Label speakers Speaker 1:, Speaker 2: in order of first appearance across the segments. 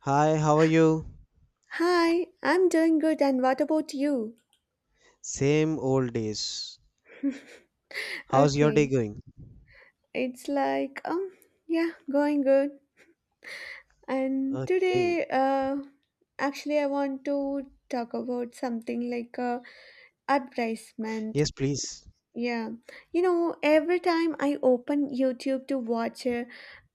Speaker 1: Hi, how are you?
Speaker 2: Hi, I'm doing good, and what about you?
Speaker 1: Same old days. How's your day
Speaker 2: Okay,
Speaker 1: going?
Speaker 2: it's like, yeah, going good. And
Speaker 1: Okay.
Speaker 2: today, actually, I want to talk about something like advertisement.
Speaker 1: Yes, please.
Speaker 2: Yeah, you know, every time I open YouTube to watch a,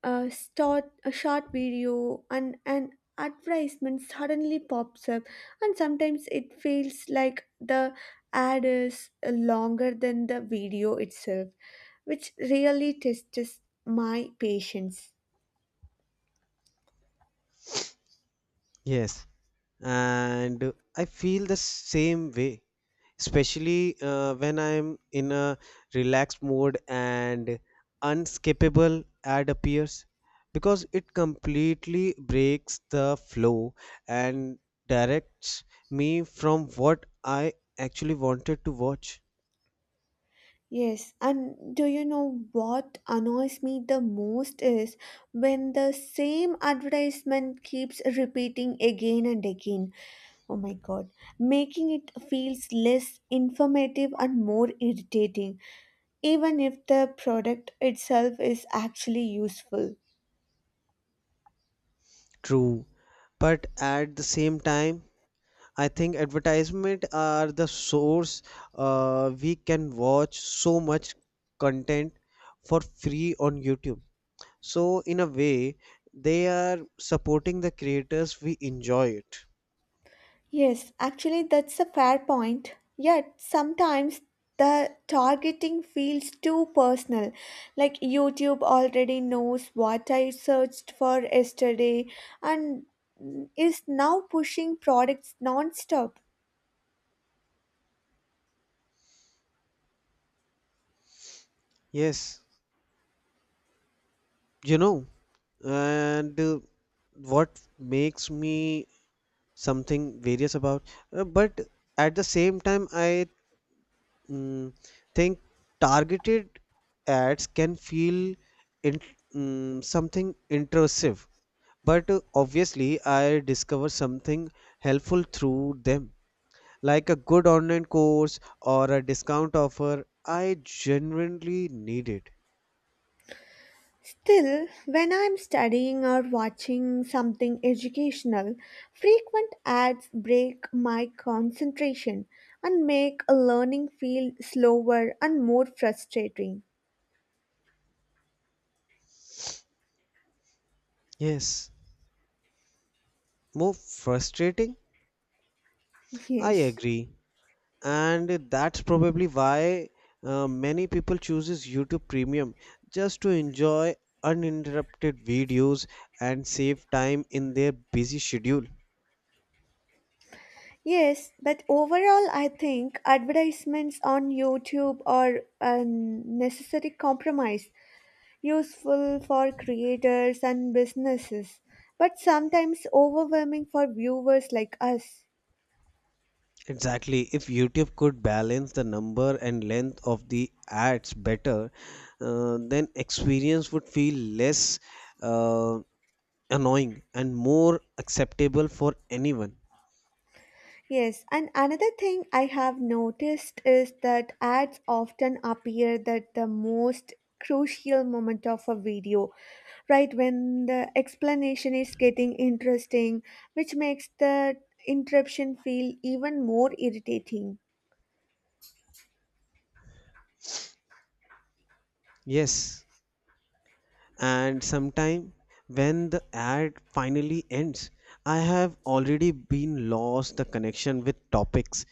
Speaker 2: a, start, a short video and an advertisement suddenly pops up, and sometimes it feels like the ad is longer than the video itself, which really tests my patience.
Speaker 1: Yes. And I feel the same way, especially when I'm in a relaxed mode and unskippable ad appears because it completely breaks the flow and directs me from what I actually wanted to watch.
Speaker 2: Yes, and do you know what annoys me the most is when the same advertisement keeps repeating again and again. Oh my god, making it feels less informative and more irritating, even if the product itself is actually useful.
Speaker 1: True. But at the same time, I think advertisement are the source we can watch so much content for free on YouTube. So in a way, they are supporting the creators we enjoy it.
Speaker 2: Yes, actually, that's a fair point. Yet, sometimes the targeting feels too personal. Like, YouTube already knows what I searched for yesterday and is now pushing products non stop.
Speaker 1: Yes, you know, and what makes me something various about, but at the same time, I mm, think targeted ads can feel in, something intrusive. But obviously, I discover something helpful through them, like a good online course or a discount offer I genuinely needed.
Speaker 2: Still, when I'm studying or watching something educational, frequent ads break my concentration and make a learning feel slower and more frustrating.
Speaker 1: Yes, more frustrating? I
Speaker 2: Yes.
Speaker 1: agree. And that's probably why many people chooses YouTube Premium just to enjoy uninterrupted videos and save time in their busy schedule.
Speaker 2: Yes, but overall, I think advertisements on YouTube are a necessary compromise, useful for creators and businesses, but sometimes overwhelming for viewers like us.
Speaker 1: Exactly. If YouTube could balance the number and length of the ads better, then experience would feel less uh, annoying and more acceptable for anyone.
Speaker 2: Yes, and another thing I have noticed is that ads often appear at the most crucial moment of a video, right when the explanation is getting interesting, which makes the interruption feel even more irritating.
Speaker 1: Yes. And sometime when the ad finally ends, I have already been lost the connection with topics.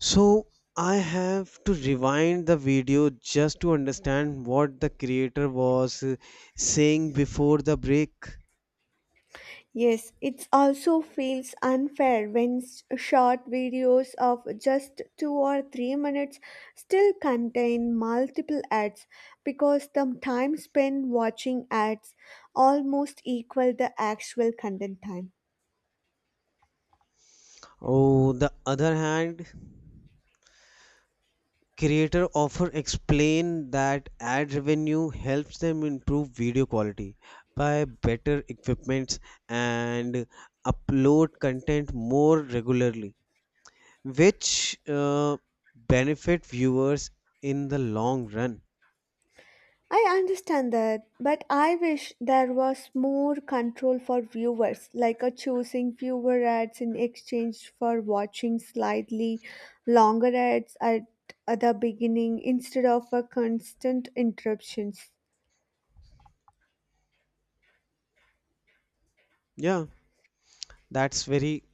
Speaker 1: So I have to rewind the video just to understand what the creator was saying before the break.
Speaker 2: Yes, it also feels unfair when short videos of just 2 or 3 minutes still contain multiple ads because the time spent watching ads almost equal the actual content time.
Speaker 1: On the other hand, creator often explain that ad revenue helps them improve video quality by better equipments and upload content more regularly, which benefit viewers in the long run.
Speaker 2: I understand that, but I wish there was more control for viewers, like a choosing fewer ads in exchange for watching slightly longer ads at the beginning instead of a constant interruptions.
Speaker 1: Yeah, that's very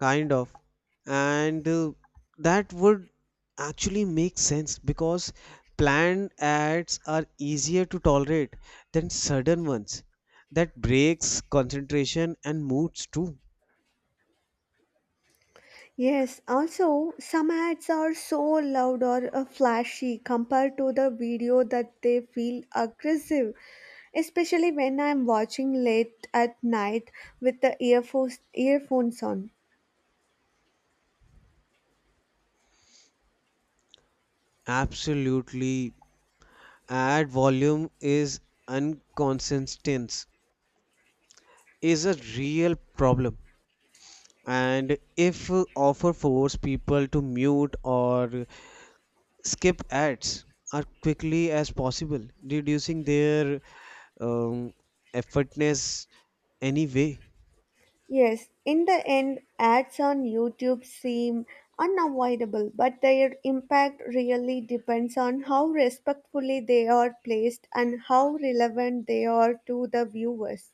Speaker 1: kind of, and that would actually make sense because planned ads are easier to tolerate than sudden ones that breaks concentration and moods too.
Speaker 2: Yes, also some ads are so loud or flashy compared to the video that they feel aggressive, especially when I'm watching late at night with the earphones on.
Speaker 1: Absolutely, ad volume is inconsistent is a real problem, and if offer force people to mute or skip ads as quickly as possible reducing their um, effortless anyway.
Speaker 2: Yes, in the end, ads on YouTube seem unavoidable, but their impact really depends on how respectfully they are placed and how relevant they are to the viewers.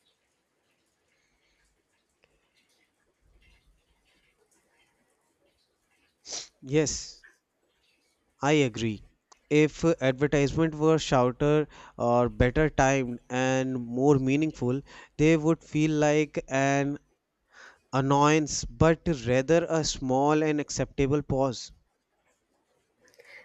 Speaker 1: Yes, I agree. If advertisement were shorter or better timed and more meaningful, they would feel like an annoyance, but rather a small and acceptable pause.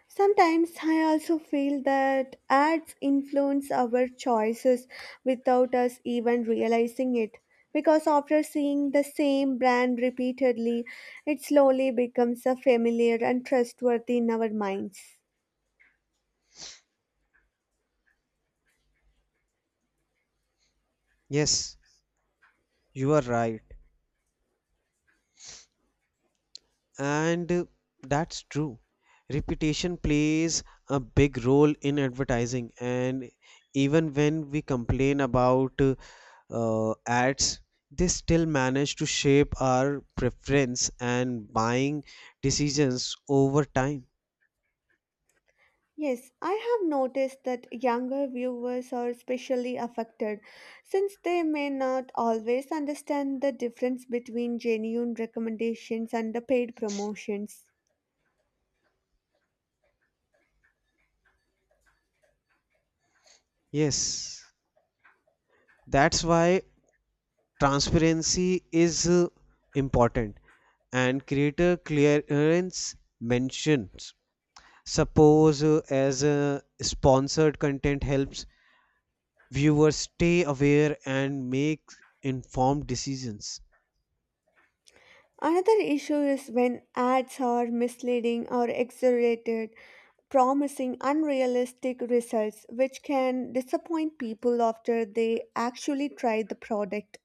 Speaker 2: Sometimes I also feel that ads influence our choices without us even realizing it. Because after seeing the same brand repeatedly, it slowly becomes a familiar and trustworthy in our minds.
Speaker 1: Yes, you are right. And that's true. Reputation plays a big role in advertising, and even when we complain about ads, they still manage to shape our preference and buying decisions over time.
Speaker 2: Yes, I have noticed that younger viewers are especially affected since they may not always understand the difference between genuine recommendations and the paid promotions.
Speaker 1: Yes, that's why transparency is important and creator clearance mentions. Suppose as sponsored content helps viewers stay aware and make informed decisions.
Speaker 2: Another issue is when ads are misleading or exaggerated, promising unrealistic results, which can disappoint people after they actually try the product.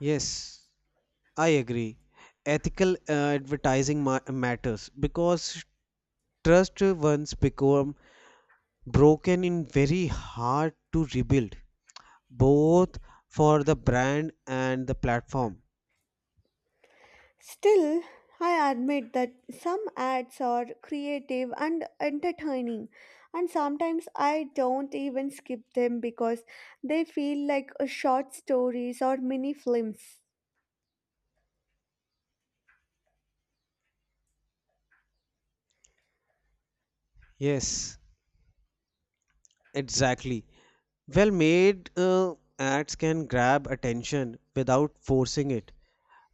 Speaker 1: Yes. I agree. Ethical advertising matters because trust once become broken in very hard to rebuild, both for the brand and the platform.
Speaker 2: Still, I admit that some ads are creative and entertaining, and sometimes I don't even skip them because they feel like a short stories or mini films.
Speaker 1: Yes, exactly. Well made ads can grab attention without forcing it,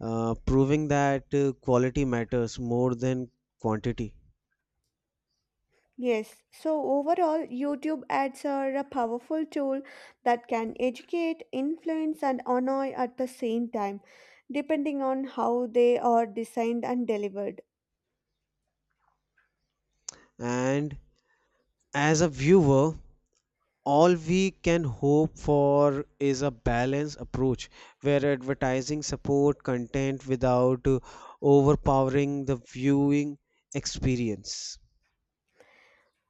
Speaker 1: proving that quality matters more than quantity.
Speaker 2: Yes, so overall, YouTube ads are a powerful tool that can educate, influence, and annoy at the same time, depending on how they are designed and delivered.
Speaker 1: And as a viewer, all we can hope for is a balanced approach where advertising support content without overpowering the viewing experience.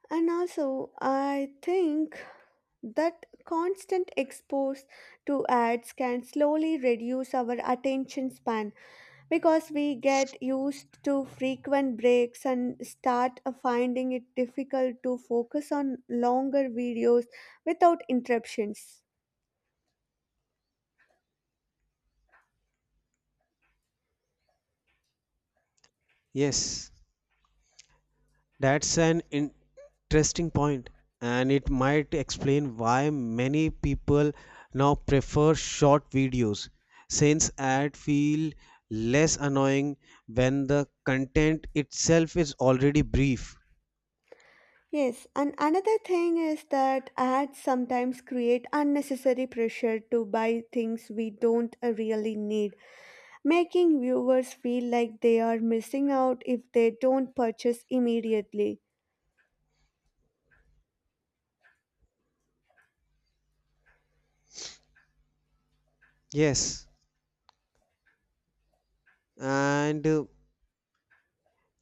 Speaker 2: And also, I think that constant expose to ads can slowly reduce our attention span because we get used to frequent breaks and start finding it difficult to focus on longer videos without interruptions.
Speaker 1: Yes, that's an interesting point, and it might explain why many people now prefer short videos since ads feel less annoying when the content itself is already brief.
Speaker 2: Yes, and another thing is that ads sometimes create unnecessary pressure to buy things we don't really need, making viewers feel like they are missing out if they don't purchase immediately.
Speaker 1: Yes, and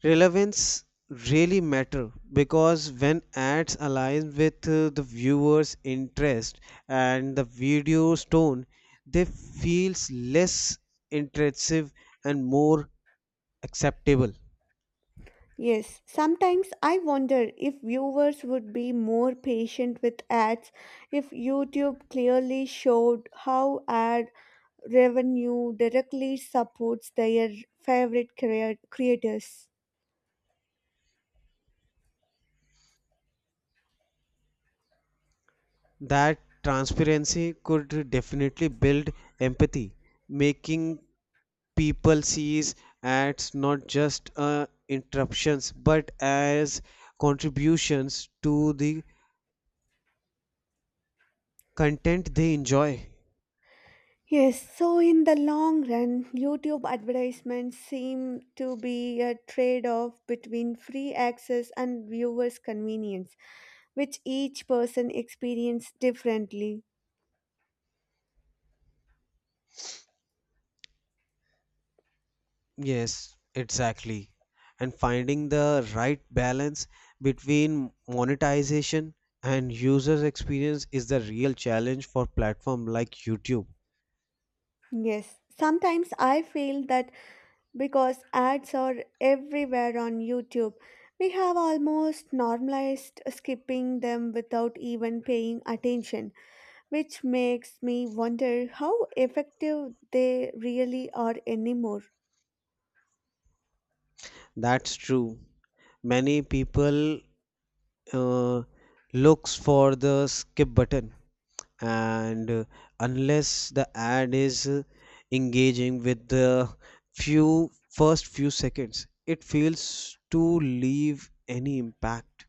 Speaker 1: relevance really matter because when ads align with the viewer's interest and the video's tone, they feels less intrusive and more acceptable.
Speaker 2: Yes, sometimes I wonder if viewers would be more patient with ads if YouTube clearly showed how ad revenue directly supports their favorite creators.
Speaker 1: That transparency could definitely build empathy, making people sees ads not just interruptions but as contributions to the content they enjoy.
Speaker 2: Yes, so in the long run, YouTube advertisements seem to be a trade off between free access and viewers' convenience, which each person experiences differently.
Speaker 1: Yes, exactly. And finding the right balance between monetization and users' experience is the real challenge for platform like YouTube.
Speaker 2: Yes, sometimes I feel that because ads are everywhere on YouTube. We have almost normalized skipping them without even paying attention, which makes me wonder how effective they really are anymore.
Speaker 1: That's true. Many people uh, looks for the skip button, and unless the ad is engaging with the few first few seconds, it fails to leave any impact.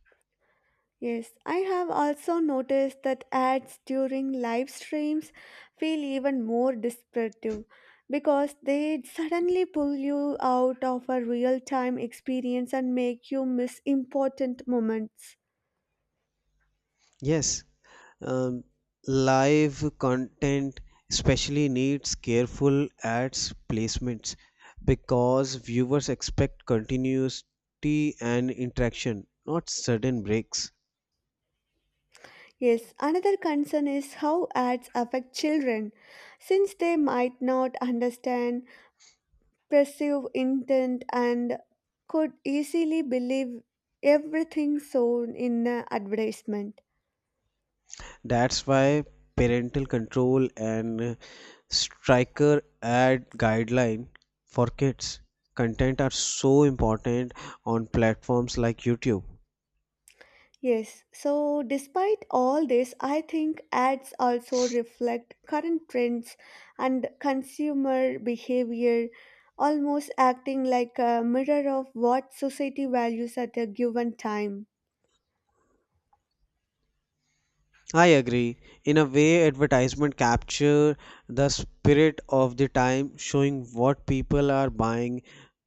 Speaker 2: Yes, I have also noticed that ads during live streams feel even more descriptive because they suddenly pull you out of a real time experience and make you miss important moments.
Speaker 1: Yes, um, live content especially needs careful ads placements because viewers expect continuity and interaction, not sudden breaks.
Speaker 2: Yes, another concern is how ads affect children, since they might not understand, perceive intent, and could easily believe everything shown in an advertisement.
Speaker 1: That's why parental control and striker ad guideline for kids content are so important on platforms like YouTube.
Speaker 2: Yes, so despite all this, I think ads also reflect current trends and consumer behavior, almost acting like a mirror of what society values at a given time.
Speaker 1: I agree. In a way, advertisement capture the spirit of the time, showing what people are buying,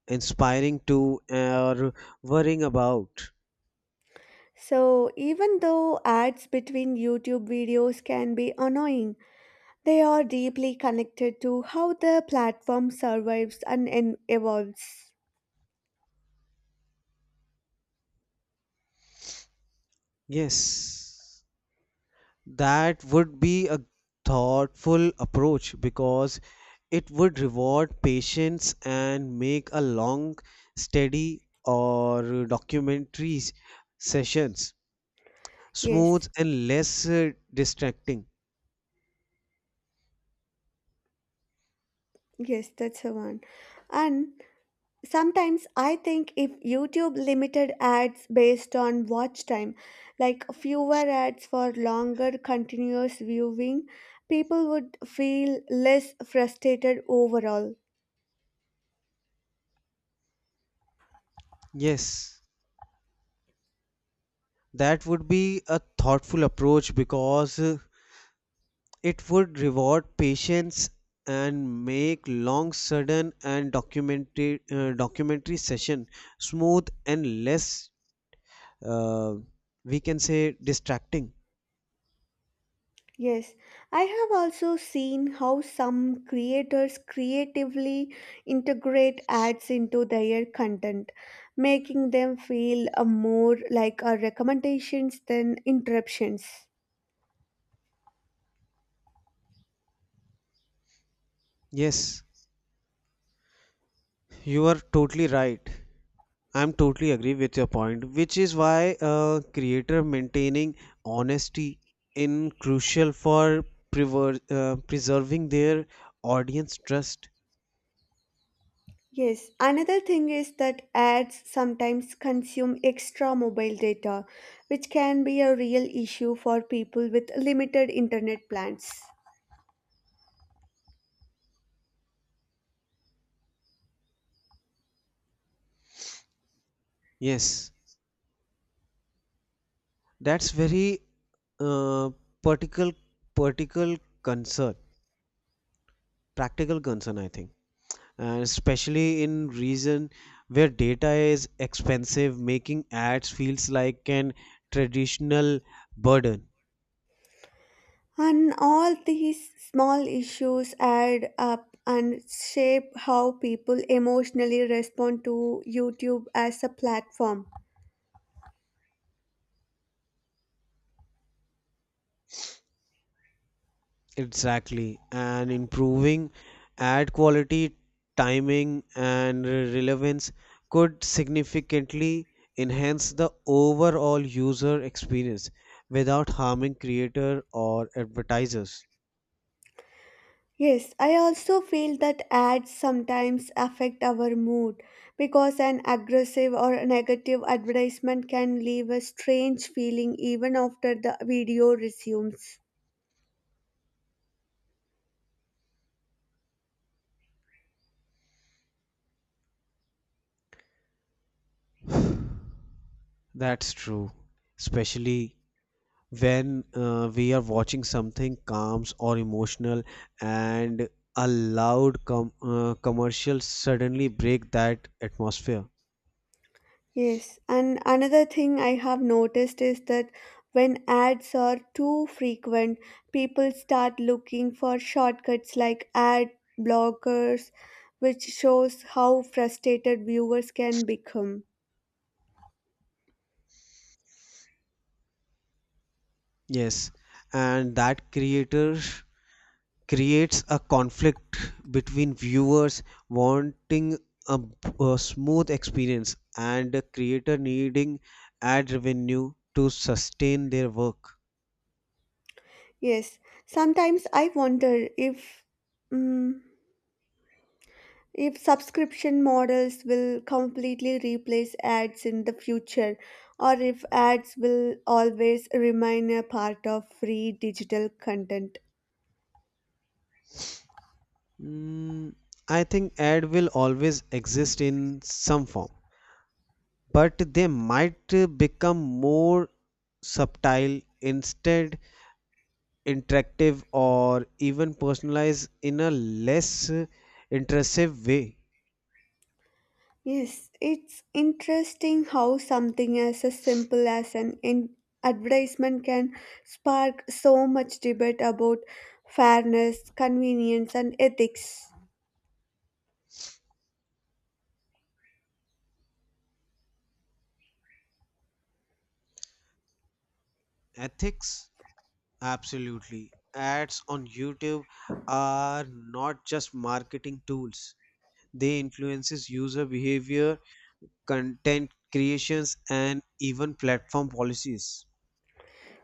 Speaker 1: inspiring to, or worrying about.
Speaker 2: So, even though ads between YouTube videos can be annoying, they are deeply connected to how the platform survives and evolves.
Speaker 1: Yes, that would be a thoughtful approach because it would reward patience and make a long, steady, or documentaries sessions
Speaker 2: Yes,
Speaker 1: smooth and less distracting.
Speaker 2: yes, that's the one. And sometimes I think if YouTube limited ads based on watch time, like fewer ads for longer continuous viewing, people would feel less frustrated overall.
Speaker 1: Yes. That would be a thoughtful approach because it would reward patience and make long, sudden, and documented documentary session smooth and less, uh, we can say, distracting.
Speaker 2: Yes, I have also seen how some creators creatively integrate ads into their content, making them feel more like recommendations than interruptions.
Speaker 1: Yes, you are totally right. I'm totally agree with your point, which is why a creator maintaining honesty in crucial for preserving their audience trust.
Speaker 2: Yes, another thing is that ads sometimes consume extra mobile data, which can be a real issue for people with limited internet plans.
Speaker 1: Yes, that's very uh, particle particle concern, practical concern, I think, and especially in region where data is expensive, making ads feels like an traditional burden.
Speaker 2: And all these small issues add up and shape how people emotionally respond to YouTube as a platform.
Speaker 1: Exactly, and improving ad quality, timing, and relevance could significantly enhance the overall user experience without harming creator or advertisers.
Speaker 2: Yes, I also feel that ads sometimes affect our mood because an aggressive or negative advertisement can leave a strange feeling even after the video resumes.
Speaker 1: That's true, especially when we are watching something calms or emotional and a commercial suddenly break that atmosphere.
Speaker 2: Yes, and another thing I have noticed is that when ads are too frequent, people start looking for shortcuts like ad blockers, which shows how frustrated viewers can become.
Speaker 1: Yes, and that creator creates a conflict between viewers wanting a, a smooth experience and the creator needing ad revenue to sustain their work.
Speaker 2: Yes, sometimes I wonder if mm if subscription models will completely replace ads in the future, or if ads will always remain a part of free digital content.
Speaker 1: Mm, I think ad will always exist in some form, but they might become more subtle, instead interactive, or even personalized in a less intrusive way.
Speaker 2: Yes, it's interesting how something as simple as an advertisement can spark so much debate about fairness, convenience, and ethics.
Speaker 1: Ethics? Absolutely. Ads on YouTube are not just marketing tools. They influences user behavior, content creations, and even platform policies.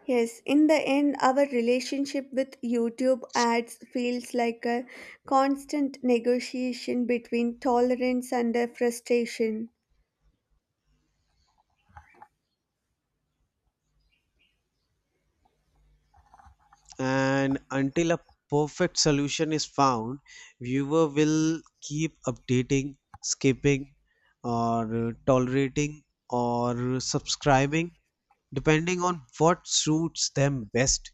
Speaker 2: Yes, in the end, our relationship with YouTube ads feels like a constant negotiation between tolerance and frustration.
Speaker 1: And until a perfect solution is found, viewer will keep updating, skipping, or tolerating or subscribing depending on what suits them best.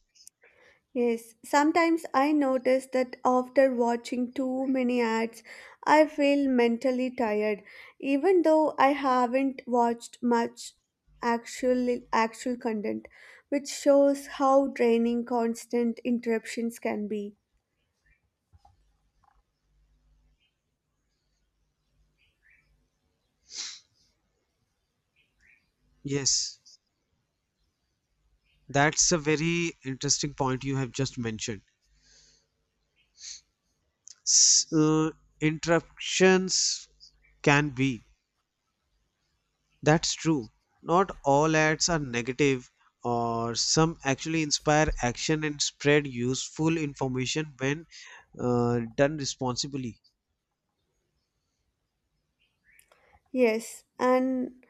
Speaker 2: Yes, sometimes I notice that after watching too many ads, I feel mentally tired, even though I haven't watched much actual content, which shows how draining constant interruptions can be.
Speaker 1: Yes, that's a very interesting point you have just mentioned. S- uh, Interruptions can be. That's true. Not all ads are negative, or some actually inspire action and spread useful information when done responsibly.
Speaker 2: Yes, and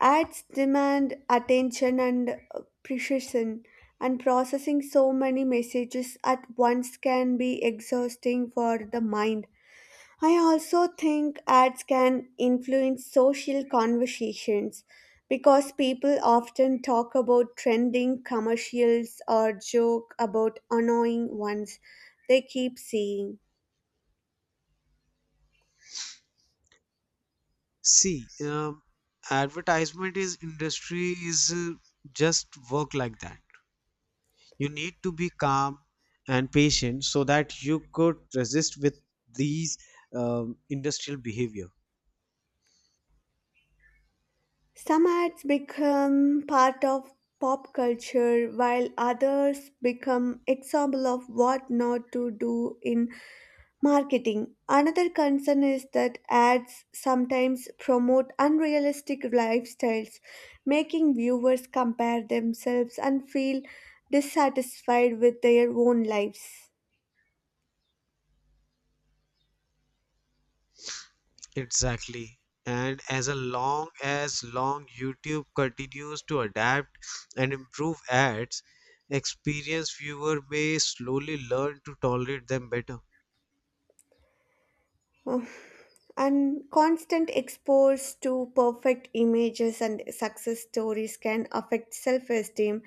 Speaker 2: ads demand attention and precision, and processing so many messages at once can be exhausting for the mind. I also think ads can influence social conversations because people often talk about trending commercials or joke about annoying ones they keep seeing.
Speaker 1: See, advertisement is industry is just work like that. You need to be calm and patient so that you could resist with these industrial behavior.
Speaker 2: Some ads become part of pop culture while others become example of what not to do in marketing. Another concern is that ads sometimes promote unrealistic lifestyles, making viewers compare themselves and feel dissatisfied with their own lives.
Speaker 1: Exactly. And as a long as long YouTube continues to adapt and improve ads, experienced viewer may slowly learn to tolerate them better.
Speaker 2: And constant exposure to perfect images and success stories can affect self esteem,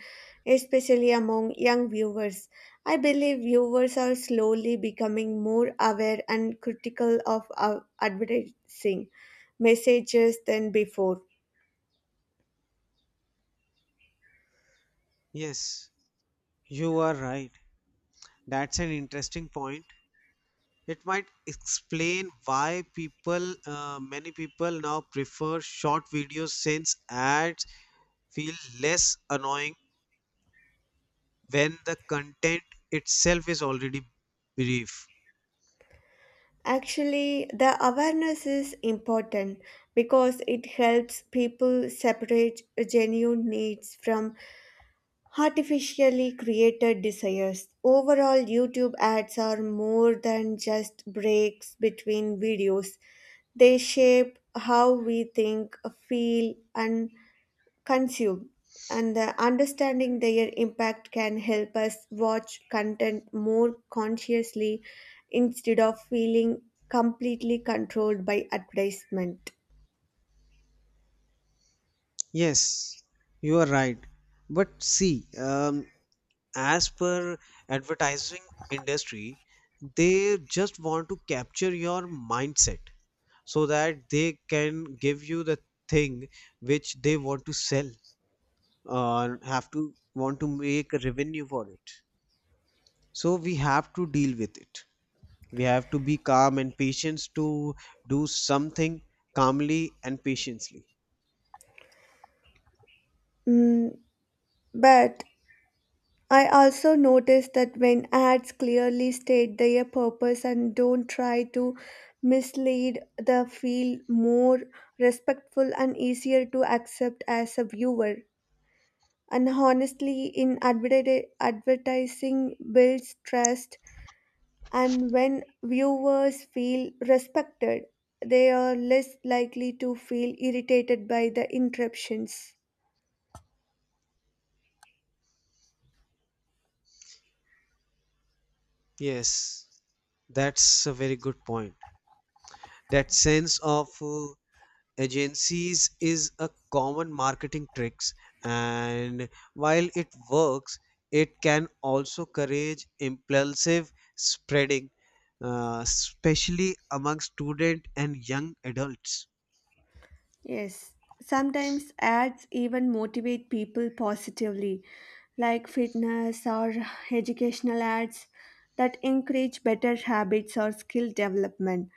Speaker 2: especially among young viewers. I believe viewers are slowly becoming more aware and critical of advertising messages than before.
Speaker 1: Yes, you are right. That's an interesting point. It might explain why many people now prefer short videos since ads feel less annoying when the content itself is already brief.
Speaker 2: Actually, the awareness is important because it helps people separate genuine needs from artificially created desires. Overall, YouTube ads are more than just breaks between videos, they shape how we think, feel, and consume. And the understanding their impact can help us watch content more consciously instead of feeling completely controlled by advertisement.
Speaker 1: Yes, you are right. But see, as per advertising industry, they just want to capture your mindset so that they can give you the thing which they want to sell or have to want to make a revenue for it. So we have to deal with it. We have to be calm and patient to do something calmly and patiently.
Speaker 2: Mm, but I also noticed that when ads clearly state their purpose and don't try to mislead, they feel more respectful and easier to accept as a viewer. And honestly, in advertising builds trust, and when viewers feel respected, they are less likely to feel irritated by the interruptions.
Speaker 1: Yes, that's a very good point. That sense of agencies is a common marketing tricks, and while it works, it can also encourage impulsive spreading, especially among student and young adults.
Speaker 2: Yes, sometimes ads even motivate people positively, like fitness or educational ads that encourage better habits or skill development.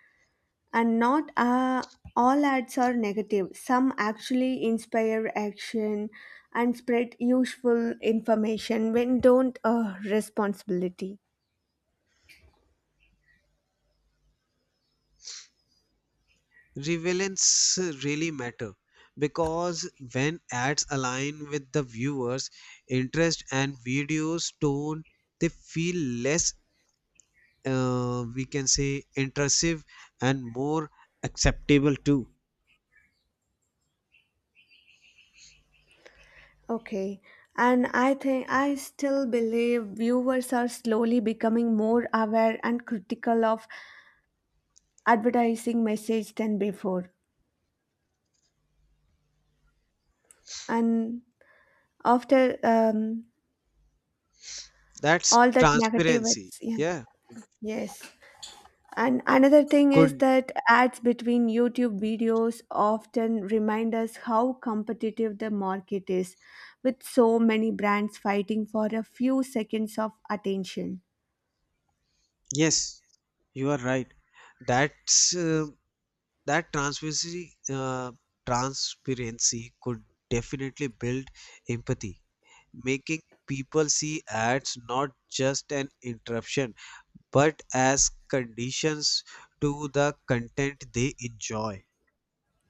Speaker 2: And not all ads are negative, some actually inspire action and spread useful information when don't responsibility.
Speaker 1: Relevance really matter because when ads align with the viewers' interest and videos tone, they feel less we can say intrusive and more acceptable too.
Speaker 2: Okay. And I think I still believe viewers are slowly becoming more aware and critical of advertising message than before and after
Speaker 1: That's
Speaker 2: all that negative
Speaker 1: transparency,
Speaker 2: it's
Speaker 1: yeah.
Speaker 2: yeah, yes, and another thing is
Speaker 1: Could.
Speaker 2: that ads between YouTube videos often remind us how competitive the market is with so many brands fighting for a few seconds of attention.
Speaker 1: Yes, you are right. That's that transparency transparency could definitely build empathy, making people see ads not just an interruption but as conditions to the content they enjoy.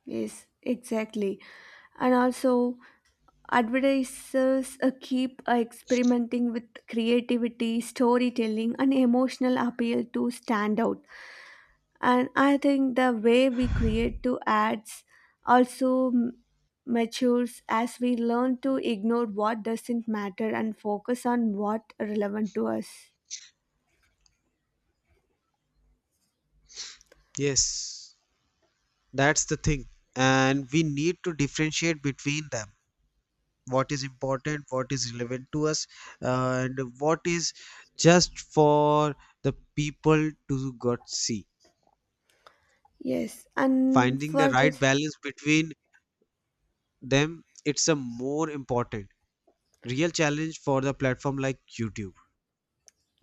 Speaker 2: Yes, exactly, and also advertisers keep experimenting with creativity, storytelling, and emotional appeal to stand out. And I think the way we create to ads also matures as we learn to ignore what doesn't matter and focus on what relevant to us.
Speaker 1: Yes. That's the thing. And we need to differentiate between them. What is important, what is relevant to us, and what is just for the people to got see.
Speaker 2: Yes, and
Speaker 1: Finding the
Speaker 2: for
Speaker 1: right
Speaker 2: this,
Speaker 1: balance between them, it's a more important real challenge for the platform like YouTube.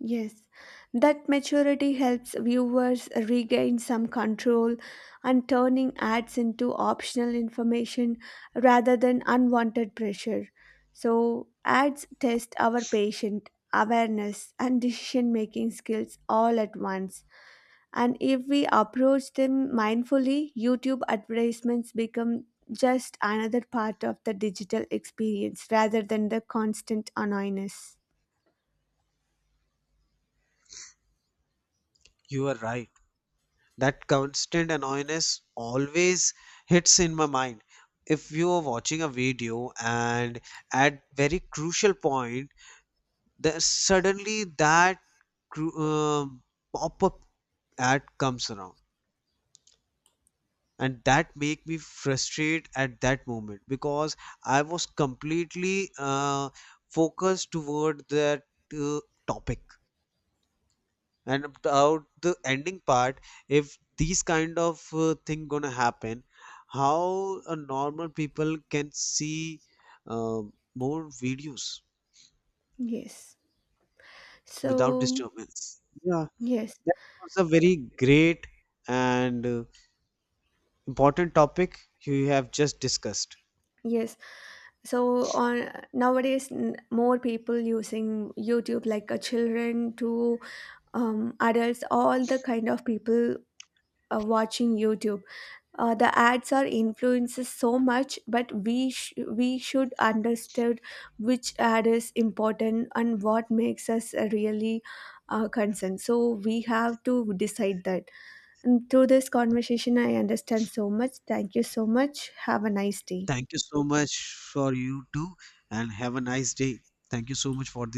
Speaker 2: yes, that maturity helps viewers regain some control and turning ads into optional information rather than unwanted pressure. So, ads test our patient awareness and decision making skills all at once. And if we approach them mindfully, YouTube advertisements become just another part of the digital experience rather than the constant annoyance.
Speaker 1: You are right. That constant annoyance always hits in my mind. If you are watching a video and at very crucial point, then suddenly that cru- uh, pop-up ad comes around and that make me frustrated at that moment because I was completely focused toward that uh, topic. And about the ending part, if these kind of thing gonna happen, how a normal people can see uh, more videos
Speaker 2: Yes.
Speaker 1: without
Speaker 2: So,
Speaker 1: disturbance, yeah.
Speaker 2: yes,
Speaker 1: That was a very great and important topic you have just discussed.
Speaker 2: yes. So on nowadays, more people using YouTube, like children to adults, all the kind of people watching YouTube. The ads are influences so much, but we should understand which ad is important and what makes us really concerned. So we have to decide that. And through this conversation, I understand so much. Thank you so much. Have a nice day.
Speaker 1: Thank you so much for you too, and have a nice day. Thank you so much for this.